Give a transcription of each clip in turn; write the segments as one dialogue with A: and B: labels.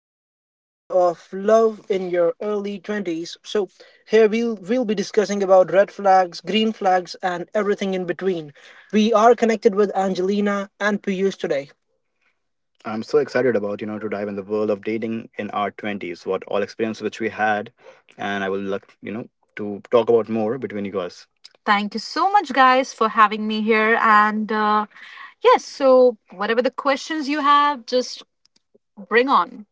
A: today's episode of Love in Your Early 20s. So, here we'll be discussing about red flags, green flags, and everything in between. We are connected with Angelina and Piyush today. I'm so excited about, to dive in the world of dating in our 20s, what all experience which we had. And I will like, to talk about more between you guys. Thank you so much, guys, for having me here. And yes, so whatever the questions you have, just bring on.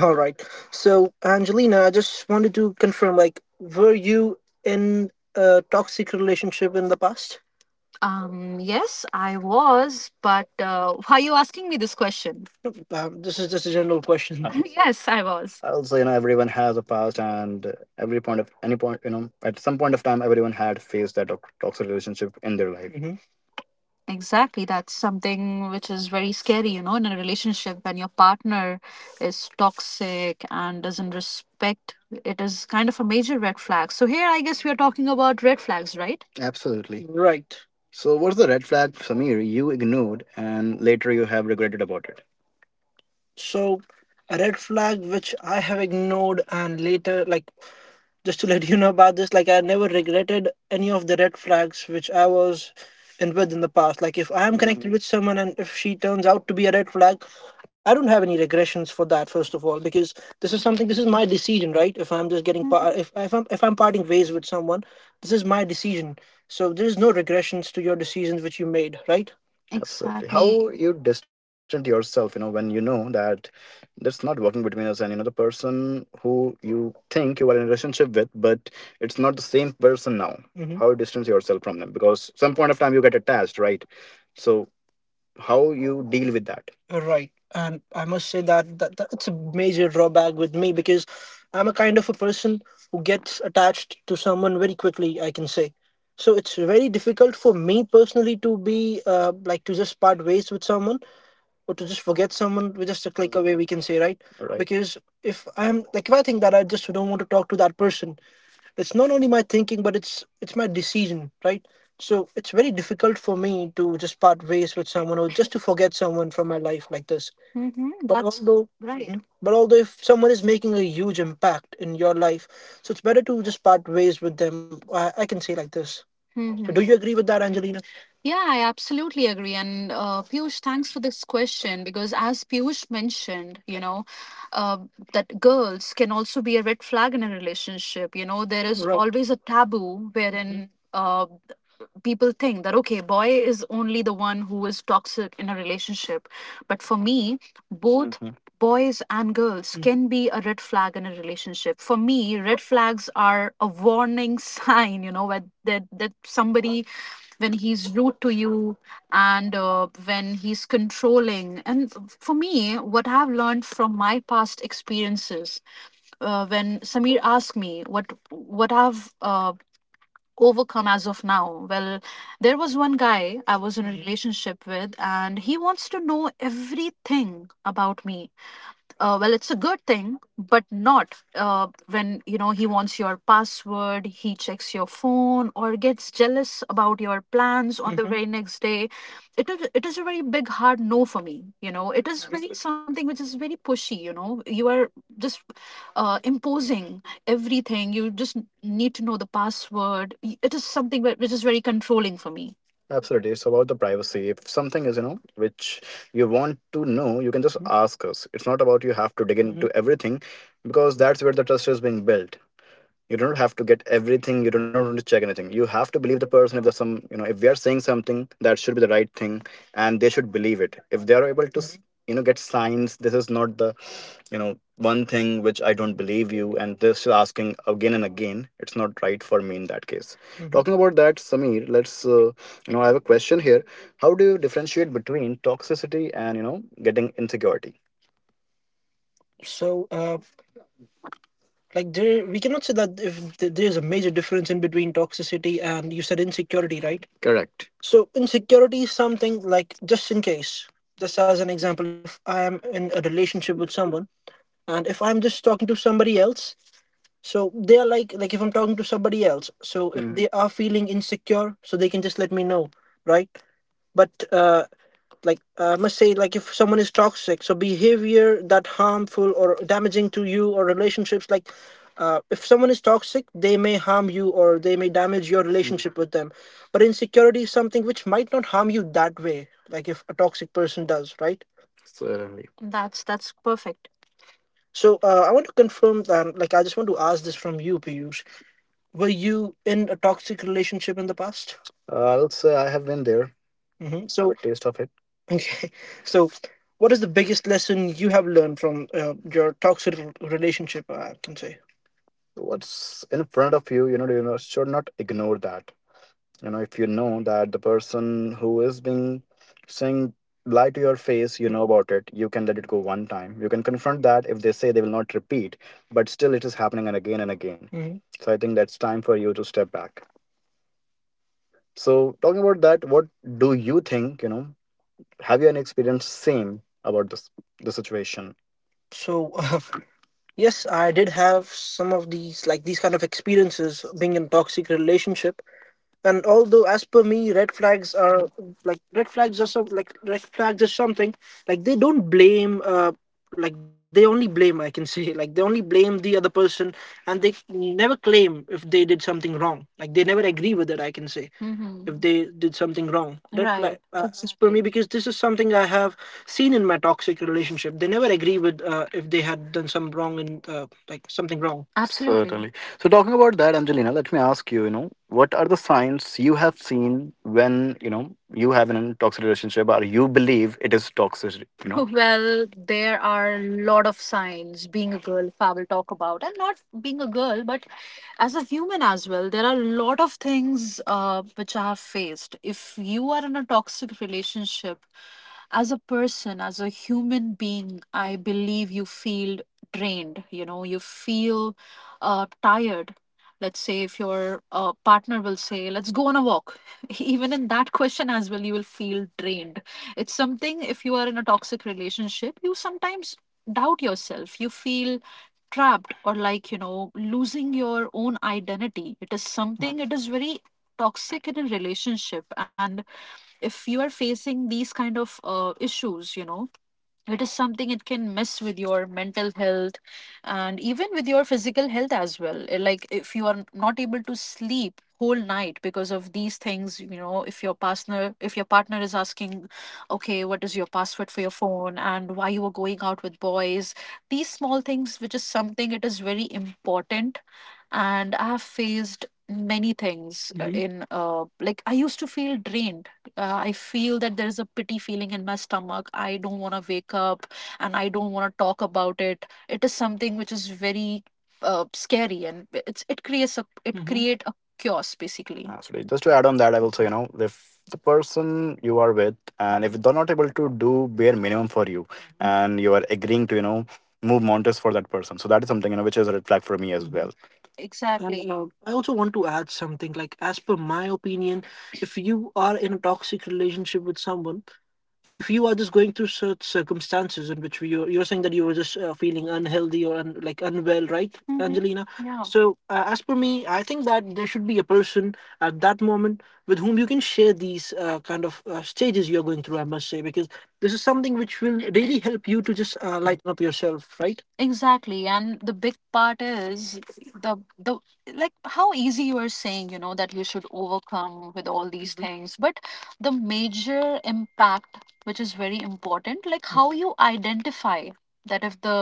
A: All right. So, Angelina, I just wanted to confirm like, were you in a toxic relationship in the past? Yes, I was, but why are you asking me this question? This is just a general question. Yes, I was. Also, you know, everyone has a past, and every point of any point, at some point of time, everyone had faced that toxic relationship in their life. Exactly. That's something which is very scary, in a relationship when your partner is toxic and doesn't respect. It is kind of a major red flag. So, here I guess we are talking about red flags, right? Absolutely. Right. So, what's the red flag, Samir, you ignored and later you have regretted about it? So, a red flag which I have ignored and later, like just to let you know about this, like I never regretted any of the red flags which I was in with in the past. Like if I am connected with someone and if she turns out to be a red flag, I don't have any regressions for that. First of all, because this is my decision, right? If I'm just if I'm parting ways with someone, this is my decision. So there is no regressions to your decisions which you made, right? Absolutely. Exactly. How? Exactly. You distance yourself, when you know that that's not working between us, and you know the person who you think you are in a relationship with, but it's not the same person now. How you distance yourself from them? Because some point of time you get attached, right? So how you deal with that? Right. And I must say that that's a major drawback with me because I'm a kind of a person who gets attached to someone very quickly, I can say. So it's very difficult for me personally to be like to just part ways with someone or to just forget someone. We're just a click away, we can say, right? Right. Because if I think that I just don't want to talk to that person, it's not only my thinking, but it's my decision, right? So it's very difficult for me to just part ways with someone or just to forget someone from my life like this. Mm-hmm. But that's although right. Mhm. But although if someone is making a huge impact in your life, so it's better to just part ways with them, I can say like this. So, mm-hmm, do, mm-hmm, you agree with that, Angelina? Yeah, I absolutely agree. And Piyush, thanks for this question because, as Piyush mentioned, uh, that girls can also be a red flag in a relationship. You know, there is, right, always a taboo wherein. Mhm. uh, People think that okay, boy is only the one who is toxic in a relationship, but for me, both, mhm, boys and girls, mm, can be a red flag in a relationship. For me, red flags are a warning sign, you know, where that somebody, when he's rude to you and when he's controlling, and for me what I've learned from my past experiences, when Samir asked me what I've overcome as of now? Well, there was one guy I was in a relationship with, and he wants to know everything about me. Well, it's a good thing, but not when, you know, he wants your password, he checks your phone or gets jealous about your plans on the very next day. It is a very big hard no for me. You know, it is really, understood, something which is very pushy. You know, you are just imposing everything. You just need to know the password. It is something which is very controlling for me. Absolutely. It's about the privacy. If something is, which you want to know, you can just, mhm, ask us. It's not about you have to dig into everything, because that's where the trust is being built. You do not have to get everything. You do not want to check anything. You have to believe the person. If there's some, if we are saying something, that should be the right thing, and they should believe it. If they are able to get signs, this is not the, you know one thing which I don't believe you, and this is asking again and again, it's not right for me in that case. Mhm. Talking about that, Sameer, let's I have a question here. How do you differentiate between toxicity and, getting insecurity? So, uh, like there, we cannot say that if there's a major difference in between toxicity and you said insecurity, right? Correct. So insecurity is something like just in case. Just as an example, if I am in a relationship with someone and if I'm just talking to somebody else, so they are like if I'm talking to somebody else, so if, mm, they are feeling insecure, so they can just let me know, right? But like I must say, like if someone is toxic, so behavior that harmful or damaging to you or relationships, like if someone is toxic, they may harm you or they may damage your relationship with them. But insecurity is something which might not harm you that way, like if a toxic person does, right? Certainly. That's perfect. So I want to confirm that, like I just want to ask this from you, Piyush. Were you in a toxic relationship in the past? I'll say I have been there. So, taste of it. Okay. So, what is the biggest lesson you have learned from your toxic relationship? I can say. What's in front of you, should not ignore that. If you know that the person who is being saying lie to your face, you know about it, you can let it go one time. You can confront that. If they say they will not repeat, but still it is happening and again and again. Mhm. So I think that's time for you to step back. So talking about that, what do you think? Have you an experience same about this the situation? So, yes, I did have some of these, like these kind of experiences being in toxic relationship. And although, as per me, red flags are like red flags are some like red flags are something, like they don't blame. Like they only blame, I can say, like they only blame the other person, and they never claim if they did something wrong. Like they never agree with it, I can say. Mm. If they did something wrong. That, right, like, as per me, exactly, because this is something I have seen in my toxic relationship. They never agree with, if they had done some wrong and like something wrong. Absolutely. Certainly. So, talking about that, Angelina, let me ask you, what are the signs you have seen when, you have an toxic relationship or you believe it is toxic, you know? Well, there are a lot of signs. Being a girl, Fab will talk about, and not being a girl, but as a human as well, there are a lot of things which I have faced. If you are in a toxic relationship, as a person, as a human being, I believe you feel drained, you feel tired. Let's say if your partner will say, let's go on a walk. Even in that question as well, you will feel drained. It's something, if you are in a toxic relationship, you sometimes doubt yourself. You feel trapped, or like, losing your own identity. It is something, it is very toxic in a relationship. And if you are facing these kind of issues, you know, it is something, it can mess with your mental health and even with your physical health as well. Like if you are not able to sleep whole night because of these things, you know, if your partner is asking, okay, what is your password for your phone and why you are going out with boys, these small things which is something, it is very important. And I have faced many things, in, like I used to feel drained. I feel that there is a pity feeling in my stomach. I don't want to wake up, and I don't want to talk about it. It is something which is very scary, and it creates a, it create a chaos basically. Absolutely. Just to add on that, I will say, you know, if the person you are with, and if they're not able to do bare minimum for you, and you are agreeing to, you know, move mountains for that person. So that is something, you know, which is a red flag for me as well. And exactly. And, I also want to add something like, as per my opinion, if you are in a toxic relationship with someone, if you are just going through such circumstances in which you're saying that you were just feeling unhealthy or un, like unwell, right? Mhm. Angelina? Yeah. So, as per me, I think that there should be a person at that moment with whom you can share these kind of stages you're going through, I must say, because this is something which will really help you to just lighten up yourself, right? Exactly, and the big part is the the like how easy you are saying, you know, that you should overcome with all these Mhm. things, but the major impact which is very important, like how you identify that if the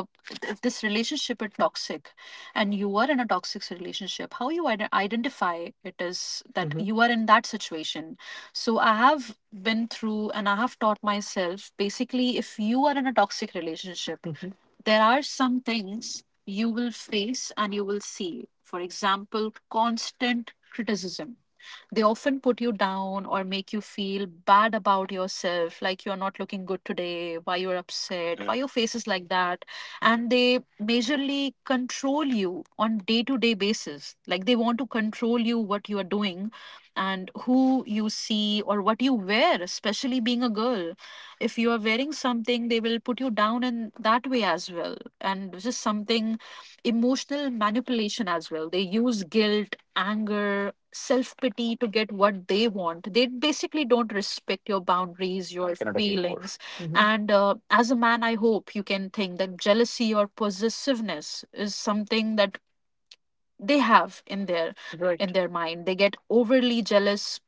A: if this relationship is toxic, and you are in a toxic relationship, how you identify it, is that Mhm. you are in that situation. So I have been through, and I have taught myself basically, if you are in a toxic relationship Mhm. there are some things you will face and you will see. For example, constant criticism. They often put you down or make you feel bad about yourself, like you're not looking good today, why you're upset, why your face is like that. And they majorly control you on day to day basis. Like they want to control you, what you are doing and who you see or what you wear, especially being a girl, if you are wearing something, they will put you down in that way as well. And this is something, emotional manipulation as well. They use guilt, anger, self pity to get what they want. They basically don't respect your boundaries, your cannot agree more. feelings. Mhm. And as a man, I hope you can think that jealousy or possessiveness is something that they have in their Right. in Right. their mind. They get overly jealous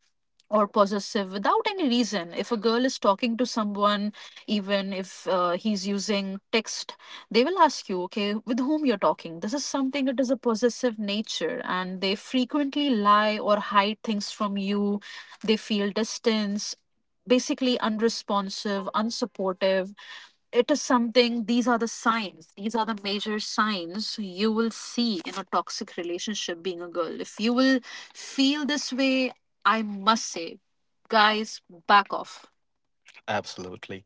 A: or possessive without any reason. If a girl is talking to someone, even if he's using text, they will ask you, okay, with whom you're talking. This is something that is a possessive nature, and they frequently lie or hide things from you. They feel distance, basically unresponsive, unsupportive. It is something, these are the signs, these are the major signs you will see in a toxic relationship. Being a girl, if you will feel this way, I must say, guys, back off. Absolutely.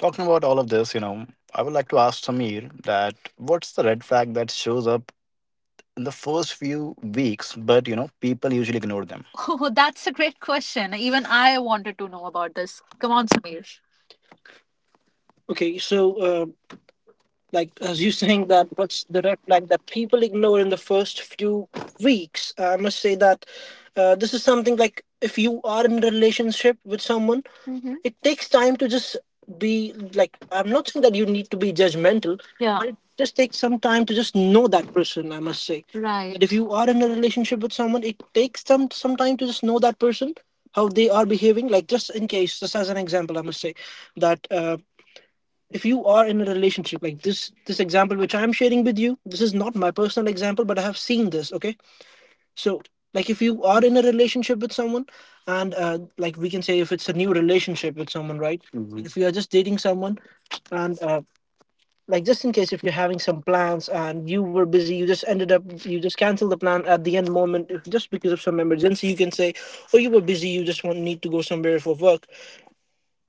A: Talking about all of this, you know, I would like to ask Samir that what's the red flag that shows up in the first few weeks, but, you know, people usually ignore them. Oh, that's a great question, even I wanted to know about this. Come on, Samir. Okay, so like as you saying, that what's the red flag that people ignore in the first few weeks, I must say that this is something, like if you are in a relationship with someone, it takes time to just be, like I'm not saying that you need to be judgmental. Yeah. But it just takes some time to just know that person. I must say that if Right. you are in a relationship with someone, it takes some time to just know that person, how they are behaving, like just in case, just as an example, I must say that. If you are in a relationship like this example which I'm sharing with you, this is not my personal example, but I have seen this, okay? So like if you are in a relationship with someone, and like we can say, if it's a new relationship with someone, right? Mhm. If you are just dating someone, and like just in case, if you're having some plans and you were busy, you just ended up, you just cancel the plan at the end moment, if just because of some emergency, you can say, oh, you were busy, you just want need to go somewhere for work,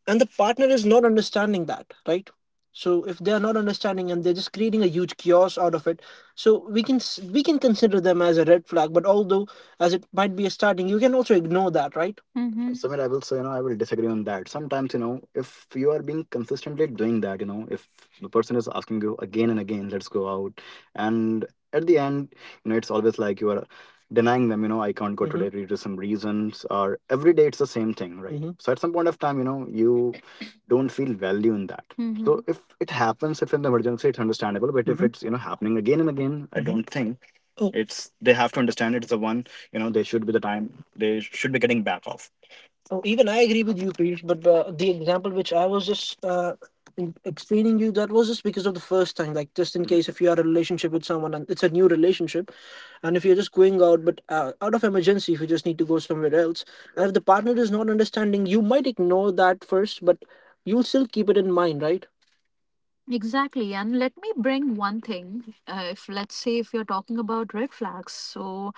A: and the partner is not understanding that, right? So if they are not understanding, and they're just creating a huge chaos out of it, so we can consider them as a red flag, but although, as it might be a starting, you can also ignore that, right? Mm-hmm. Samir, I will say, you know, I will disagree on that. Sometimes, you know, if you are being consistently doing that, you know, if the person is asking you again and again, let's go out, and at the end, you know, it's always like you are denying them, you know, I can't go Mm-hmm. today due to some reasons, or every day it's the same thing, right? Mm-hmm. So at some point of time, you know, you don't feel value in that. Mm-hmm. So if it happens, if in the emergency it's understandable, but if Mm-hmm. if it's, you know, happening again and again, I Mm-hmm. I don't think. Oh, it's, they have to understand, it's the one, you know, they should be the time they should be getting back off. Oh, even I agree with you, Piyush. But the example which I was just explaining you, that was just because of the first time. Like just in case, if you are in a relationship with someone and it's a new relationship, and if you're just going out, but out of emergency, if you just need to go somewhere else, and if the partner is not understanding, you might ignore that first, but you'll still keep it in mind, right? Exactly. And let me bring one thing. If let's say if you're talking about red flags, so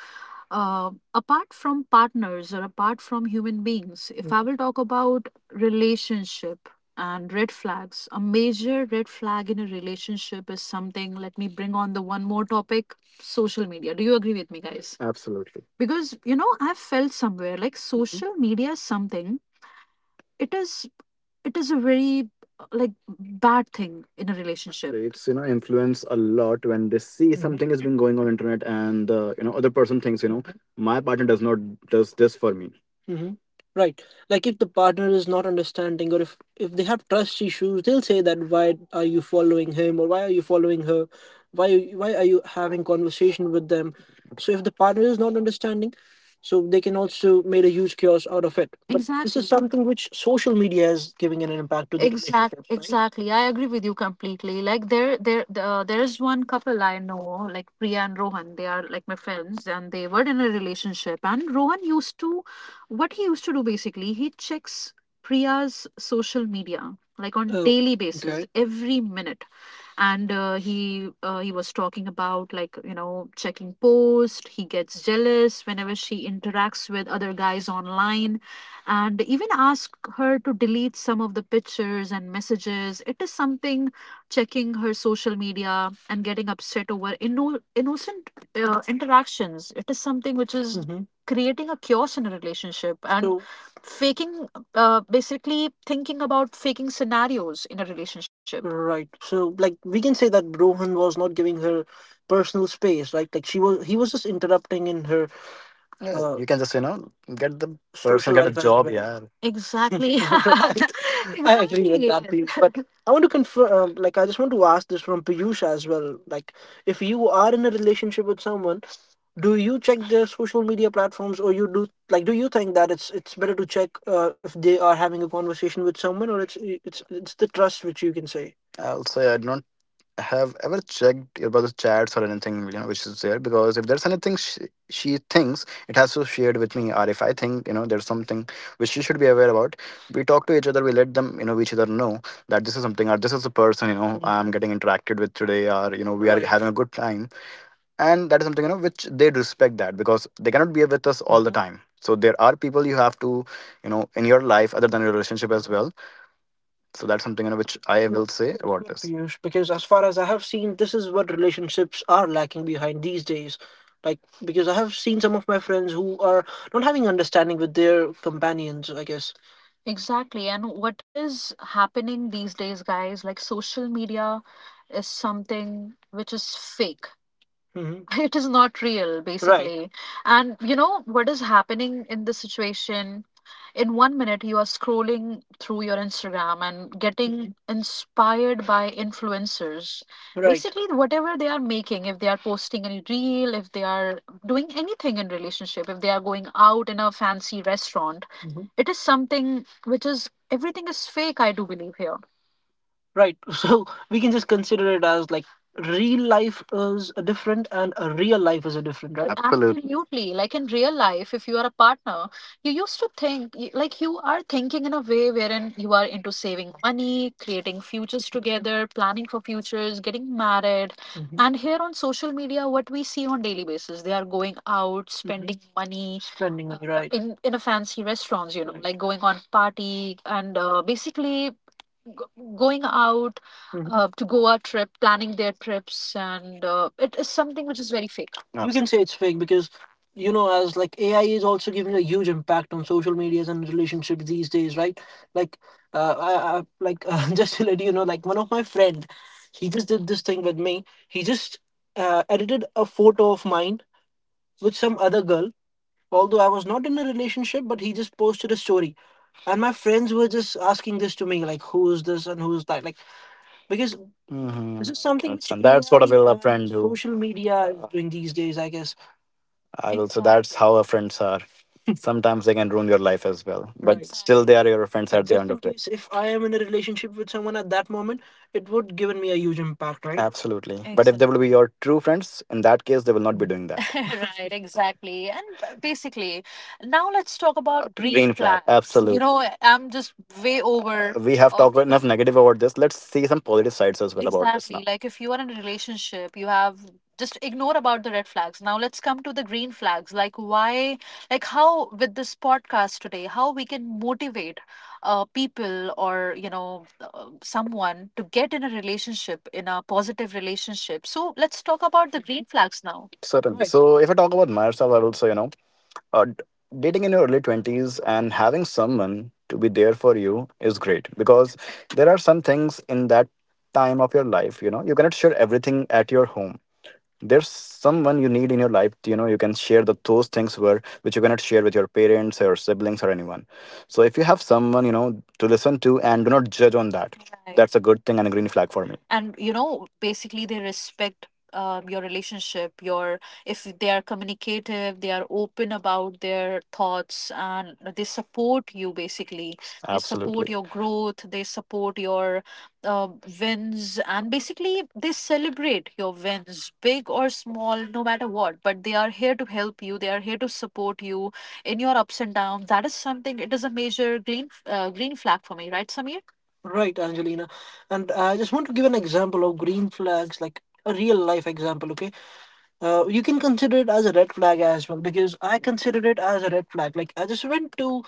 A: apart from partners or apart from human beings, if I will talk about relationship and red flags, a major red flag in a relationship is something. Let me bring on the one more topic: social media. Do you agree with me, guys? Absolutely. Because, you know, I've felt somewhere like social media is something, it is, it is a very like bad thing in a relationship. It's, you know, influence a lot when they see something has been going on internet, and the, you know, other person thinks, you know, my partner does not, does this for me. hmm Right. Like if the partner is not understanding, or if they have trust issues, they'll say that, why are you following him, or why are you following her? Why why are you having conversation with them? So if the partner is not understanding, so they can also made a huge chaos out of it, but this is exactly something which social media is giving an impact to the exact, relationships, right, exactly. I agree with you completely. Like there is one couple I know, like Priya and Rohan. They are like my friends, and they were in a relationship. And Rohan used to, what he used to do basically, he checks Priya's social media like on, oh, daily basis, okay, every minute. And he was talking about, like, you know, checking posts. He gets jealous whenever she interacts with other guys online, and even ask her to delete some of the pictures and messages. It is something, checking her social media and getting upset over innocent interactions. It is something which is creating a chaos in a relationship. And so faking, basically thinking about faking scenarios in a relationship. Right. So like we can say that Rohan was not giving her personal space, right? Like she was he was just interrupting in her, yeah. You can just, you know, get the person social get a life as job. Well. Yeah, exactly. Exactly. I agree with exactly. that, Piyush. But I want to confirm, like, I just want to ask this from Piyush as well. Like, if you are in a relationship with someone, do you check their social media platforms, or you do do you think that it's better to check if they are having a conversation with someone, or it's the trust which you can say? I'll say I don't have ever checked about the chats or anything, you know, which is there, because if there's anything she thinks it has to share with me, or if I think, you know, there's something which she should be aware about, we talk to each other, we let them, you know, each other know that this is something, or this is the person, you know, I'm, yeah, getting interacted with today, or, you know, we are, right, having a good time, and that is something, you know, which they respect, that because they cannot be with us all the time, so there are people you have to, you know, in your life other than your relationship as well. So that's something, you know, which I will say about, yeah, this, Piyush, because as far as I have seen, this is what relationships are lacking behind these days. Like, because I have seen some of my friends who are not having understanding with their companions, I guess. Exactly. And what is happening these days, guys? Like, social media is something which is fake. hmm it is not real, right, basically. Right. And you know what is happening in this situation, in one minute you are scrolling through your Instagram and getting inspired by influencers, right, basically, whatever they are making, if they are posting any reel, if they are doing anything in relationship, if they are going out in a fancy restaurant. It is something which is, everything is fake, I do believe here. Right. So we can just consider it as like, real life is a different and a real life is a different, right? Absolutely. Absolutely. Like, in real life, if you are a partner, you used to think like, you are thinking in a way wherein you are into saving money, creating futures together, planning for futures, getting married. And here on social media, what we see on daily basis, they are going out, spending, mhm, money. Spending, money, right? In a fancy restaurants, you know, right, like going on party and basically going out, mhm, to Goa trip, planning their trips, and it is something which is very fake. You can say it's fake because, you know, as like AI is also giving a huge impact on social medias and relationships these days, right? Like, like just to let you know, like, one of my friend, he just did this thing with me. He just edited a photo of mine with some other girl. Although I was not in a relationship, but he just posted a story, and my friends were just asking this to me, like, who is this and who is that? Like, because this is something which, that's, and that's what a AI will a and friend do, social media is, doing these days, I guess. I people also, exactly, that's how our friends are, sometimes they can ruin your life as well, but, right, still they are your friends at the end of the day. Just in case if I am in a relationship with someone at that moment, it would given me a huge impact, right? Absolutely. But if they will, exactly, be your true friends in that case, they will not be doing that. Right, exactly. And basically, now let's talk about green flags. You absolutely know, I'm just way over, we have talked enough negative about this, let's see some positive sides as well about this now. Exactly. Like, if you are in a relationship, you have just ignore about the red flags, now let's come to the green flags, like why, like how with this podcast today, how we can motivate people or, you know, someone to get in a relationship, in a positive relationship. So let's talk about the green flags now. Certainly. Right. So, if I talk about myself, I would say, you know, uh, d- dating in your early 20s and having someone to be there for you is great, because there are some things in that time of your life, you know, you cannot share everything at your home. There's someone you need in your life, you know, you can share those things where which you cannot share with your parents or siblings or anyone. So if you have someone, you know, to listen to and do not judge on that, right, that's a good thing and a green flag for me. And, you know, basically they respect your relationship, your, if they are communicative, they are open about their thoughts, and they support you, basically they support, absolutely, your growth, they support your uh, wins, and basically they celebrate your wins, big or small, no matter what. But they are here to help you, they are here to support you in your ups and downs. That is something, it is a major green flag for me, right, Samir? Right, Angelina. And I just want to give an example of green flags, like a real life example, okay? You can consider it as a red flag as well, because I considered it as a red flag. Like, I just went to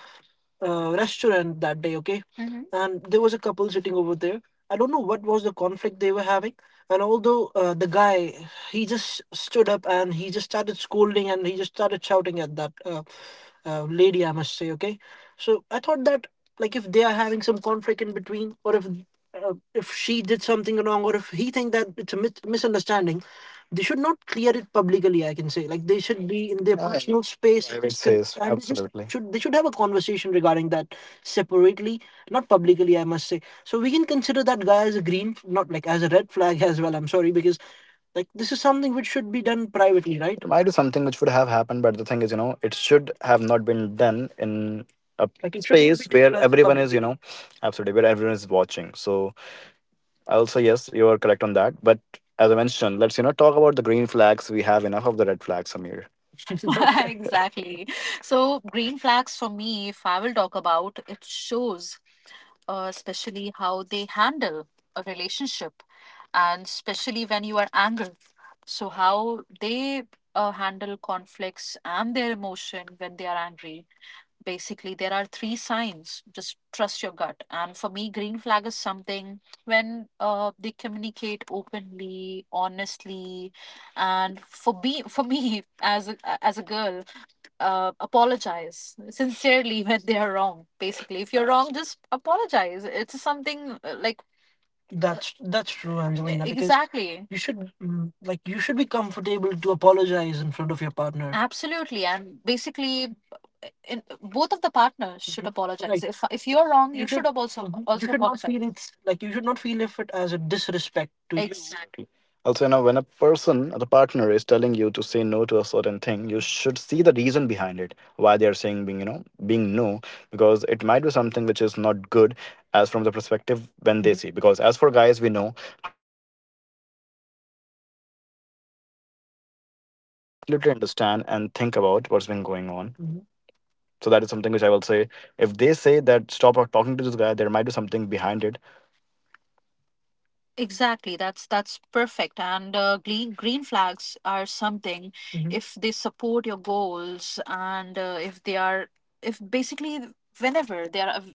A: restaurant that day, okay? Mm-hmm. And there was a couple sitting over there. I don't know what was the conflict they were having. And although the guy, he just stood up and he just started scolding and he just started shouting at that lady, I must say, okay? So I thought that, like, if they are having some conflict in between, or if she did something wrong, or if he think that it's a misunderstanding, they should not clear it publicly, I can say, like, they should be in their, yeah, personal space, space, and they just, absolutely, should they should have a conversation regarding that separately, not publicly, I must say. So we can consider that guy as a green, not like, as a red flag. As well, I'm sorry, because, like, this is something which should be done privately, right, might be something which would have happened, but the thing is, you know, it should have not been done in a, like, it should not be space where declared, everyone is, you publicly know, absolutely, where everyone is watching. So I'll say yes, you are correct on that. But as I mentioned, let's, you know, talk about the green flags. We have enough of the red flags, Samir. Exactly. So, green flags for me, if I will talk about, it shows especially how they handle a relationship, and especially when you are angry. So, how they handle conflicts and their emotion when they are angry. Basically, there are three signs. Just trust your gut. And for me, green flag is something when they communicate openly, honestly, and for me as a girl, apologize sincerely when they are wrong. Basically, if you're wrong, just apologize. It's something like, that's true, Angelina, because exactly, you should, mm, like, you should be comfortable to apologize in front of your partner. Absolutely, and basically, in, both of the partners should, mhm, apologize. Like, if you're wrong, you should also, mhm, you also should not apologize, feel, it's like, you should not feel if it as a disrespect to you. Exactly. Also, you know, when a person, the partner, is telling you to say no to a certain thing, you should see the reason behind it, why they are saying being, you know, being no, because it might be something which is not good as from the perspective when they see. Because as for guys, we know
B: To understand and think about what's been going on. Mhm. So that is something which I will say. If they say that stop talking to this guy, there might be something behind it. Exactly. That's perfect. And green flags are something. Mhm. If they support your goals and if they are if basically whenever they are av-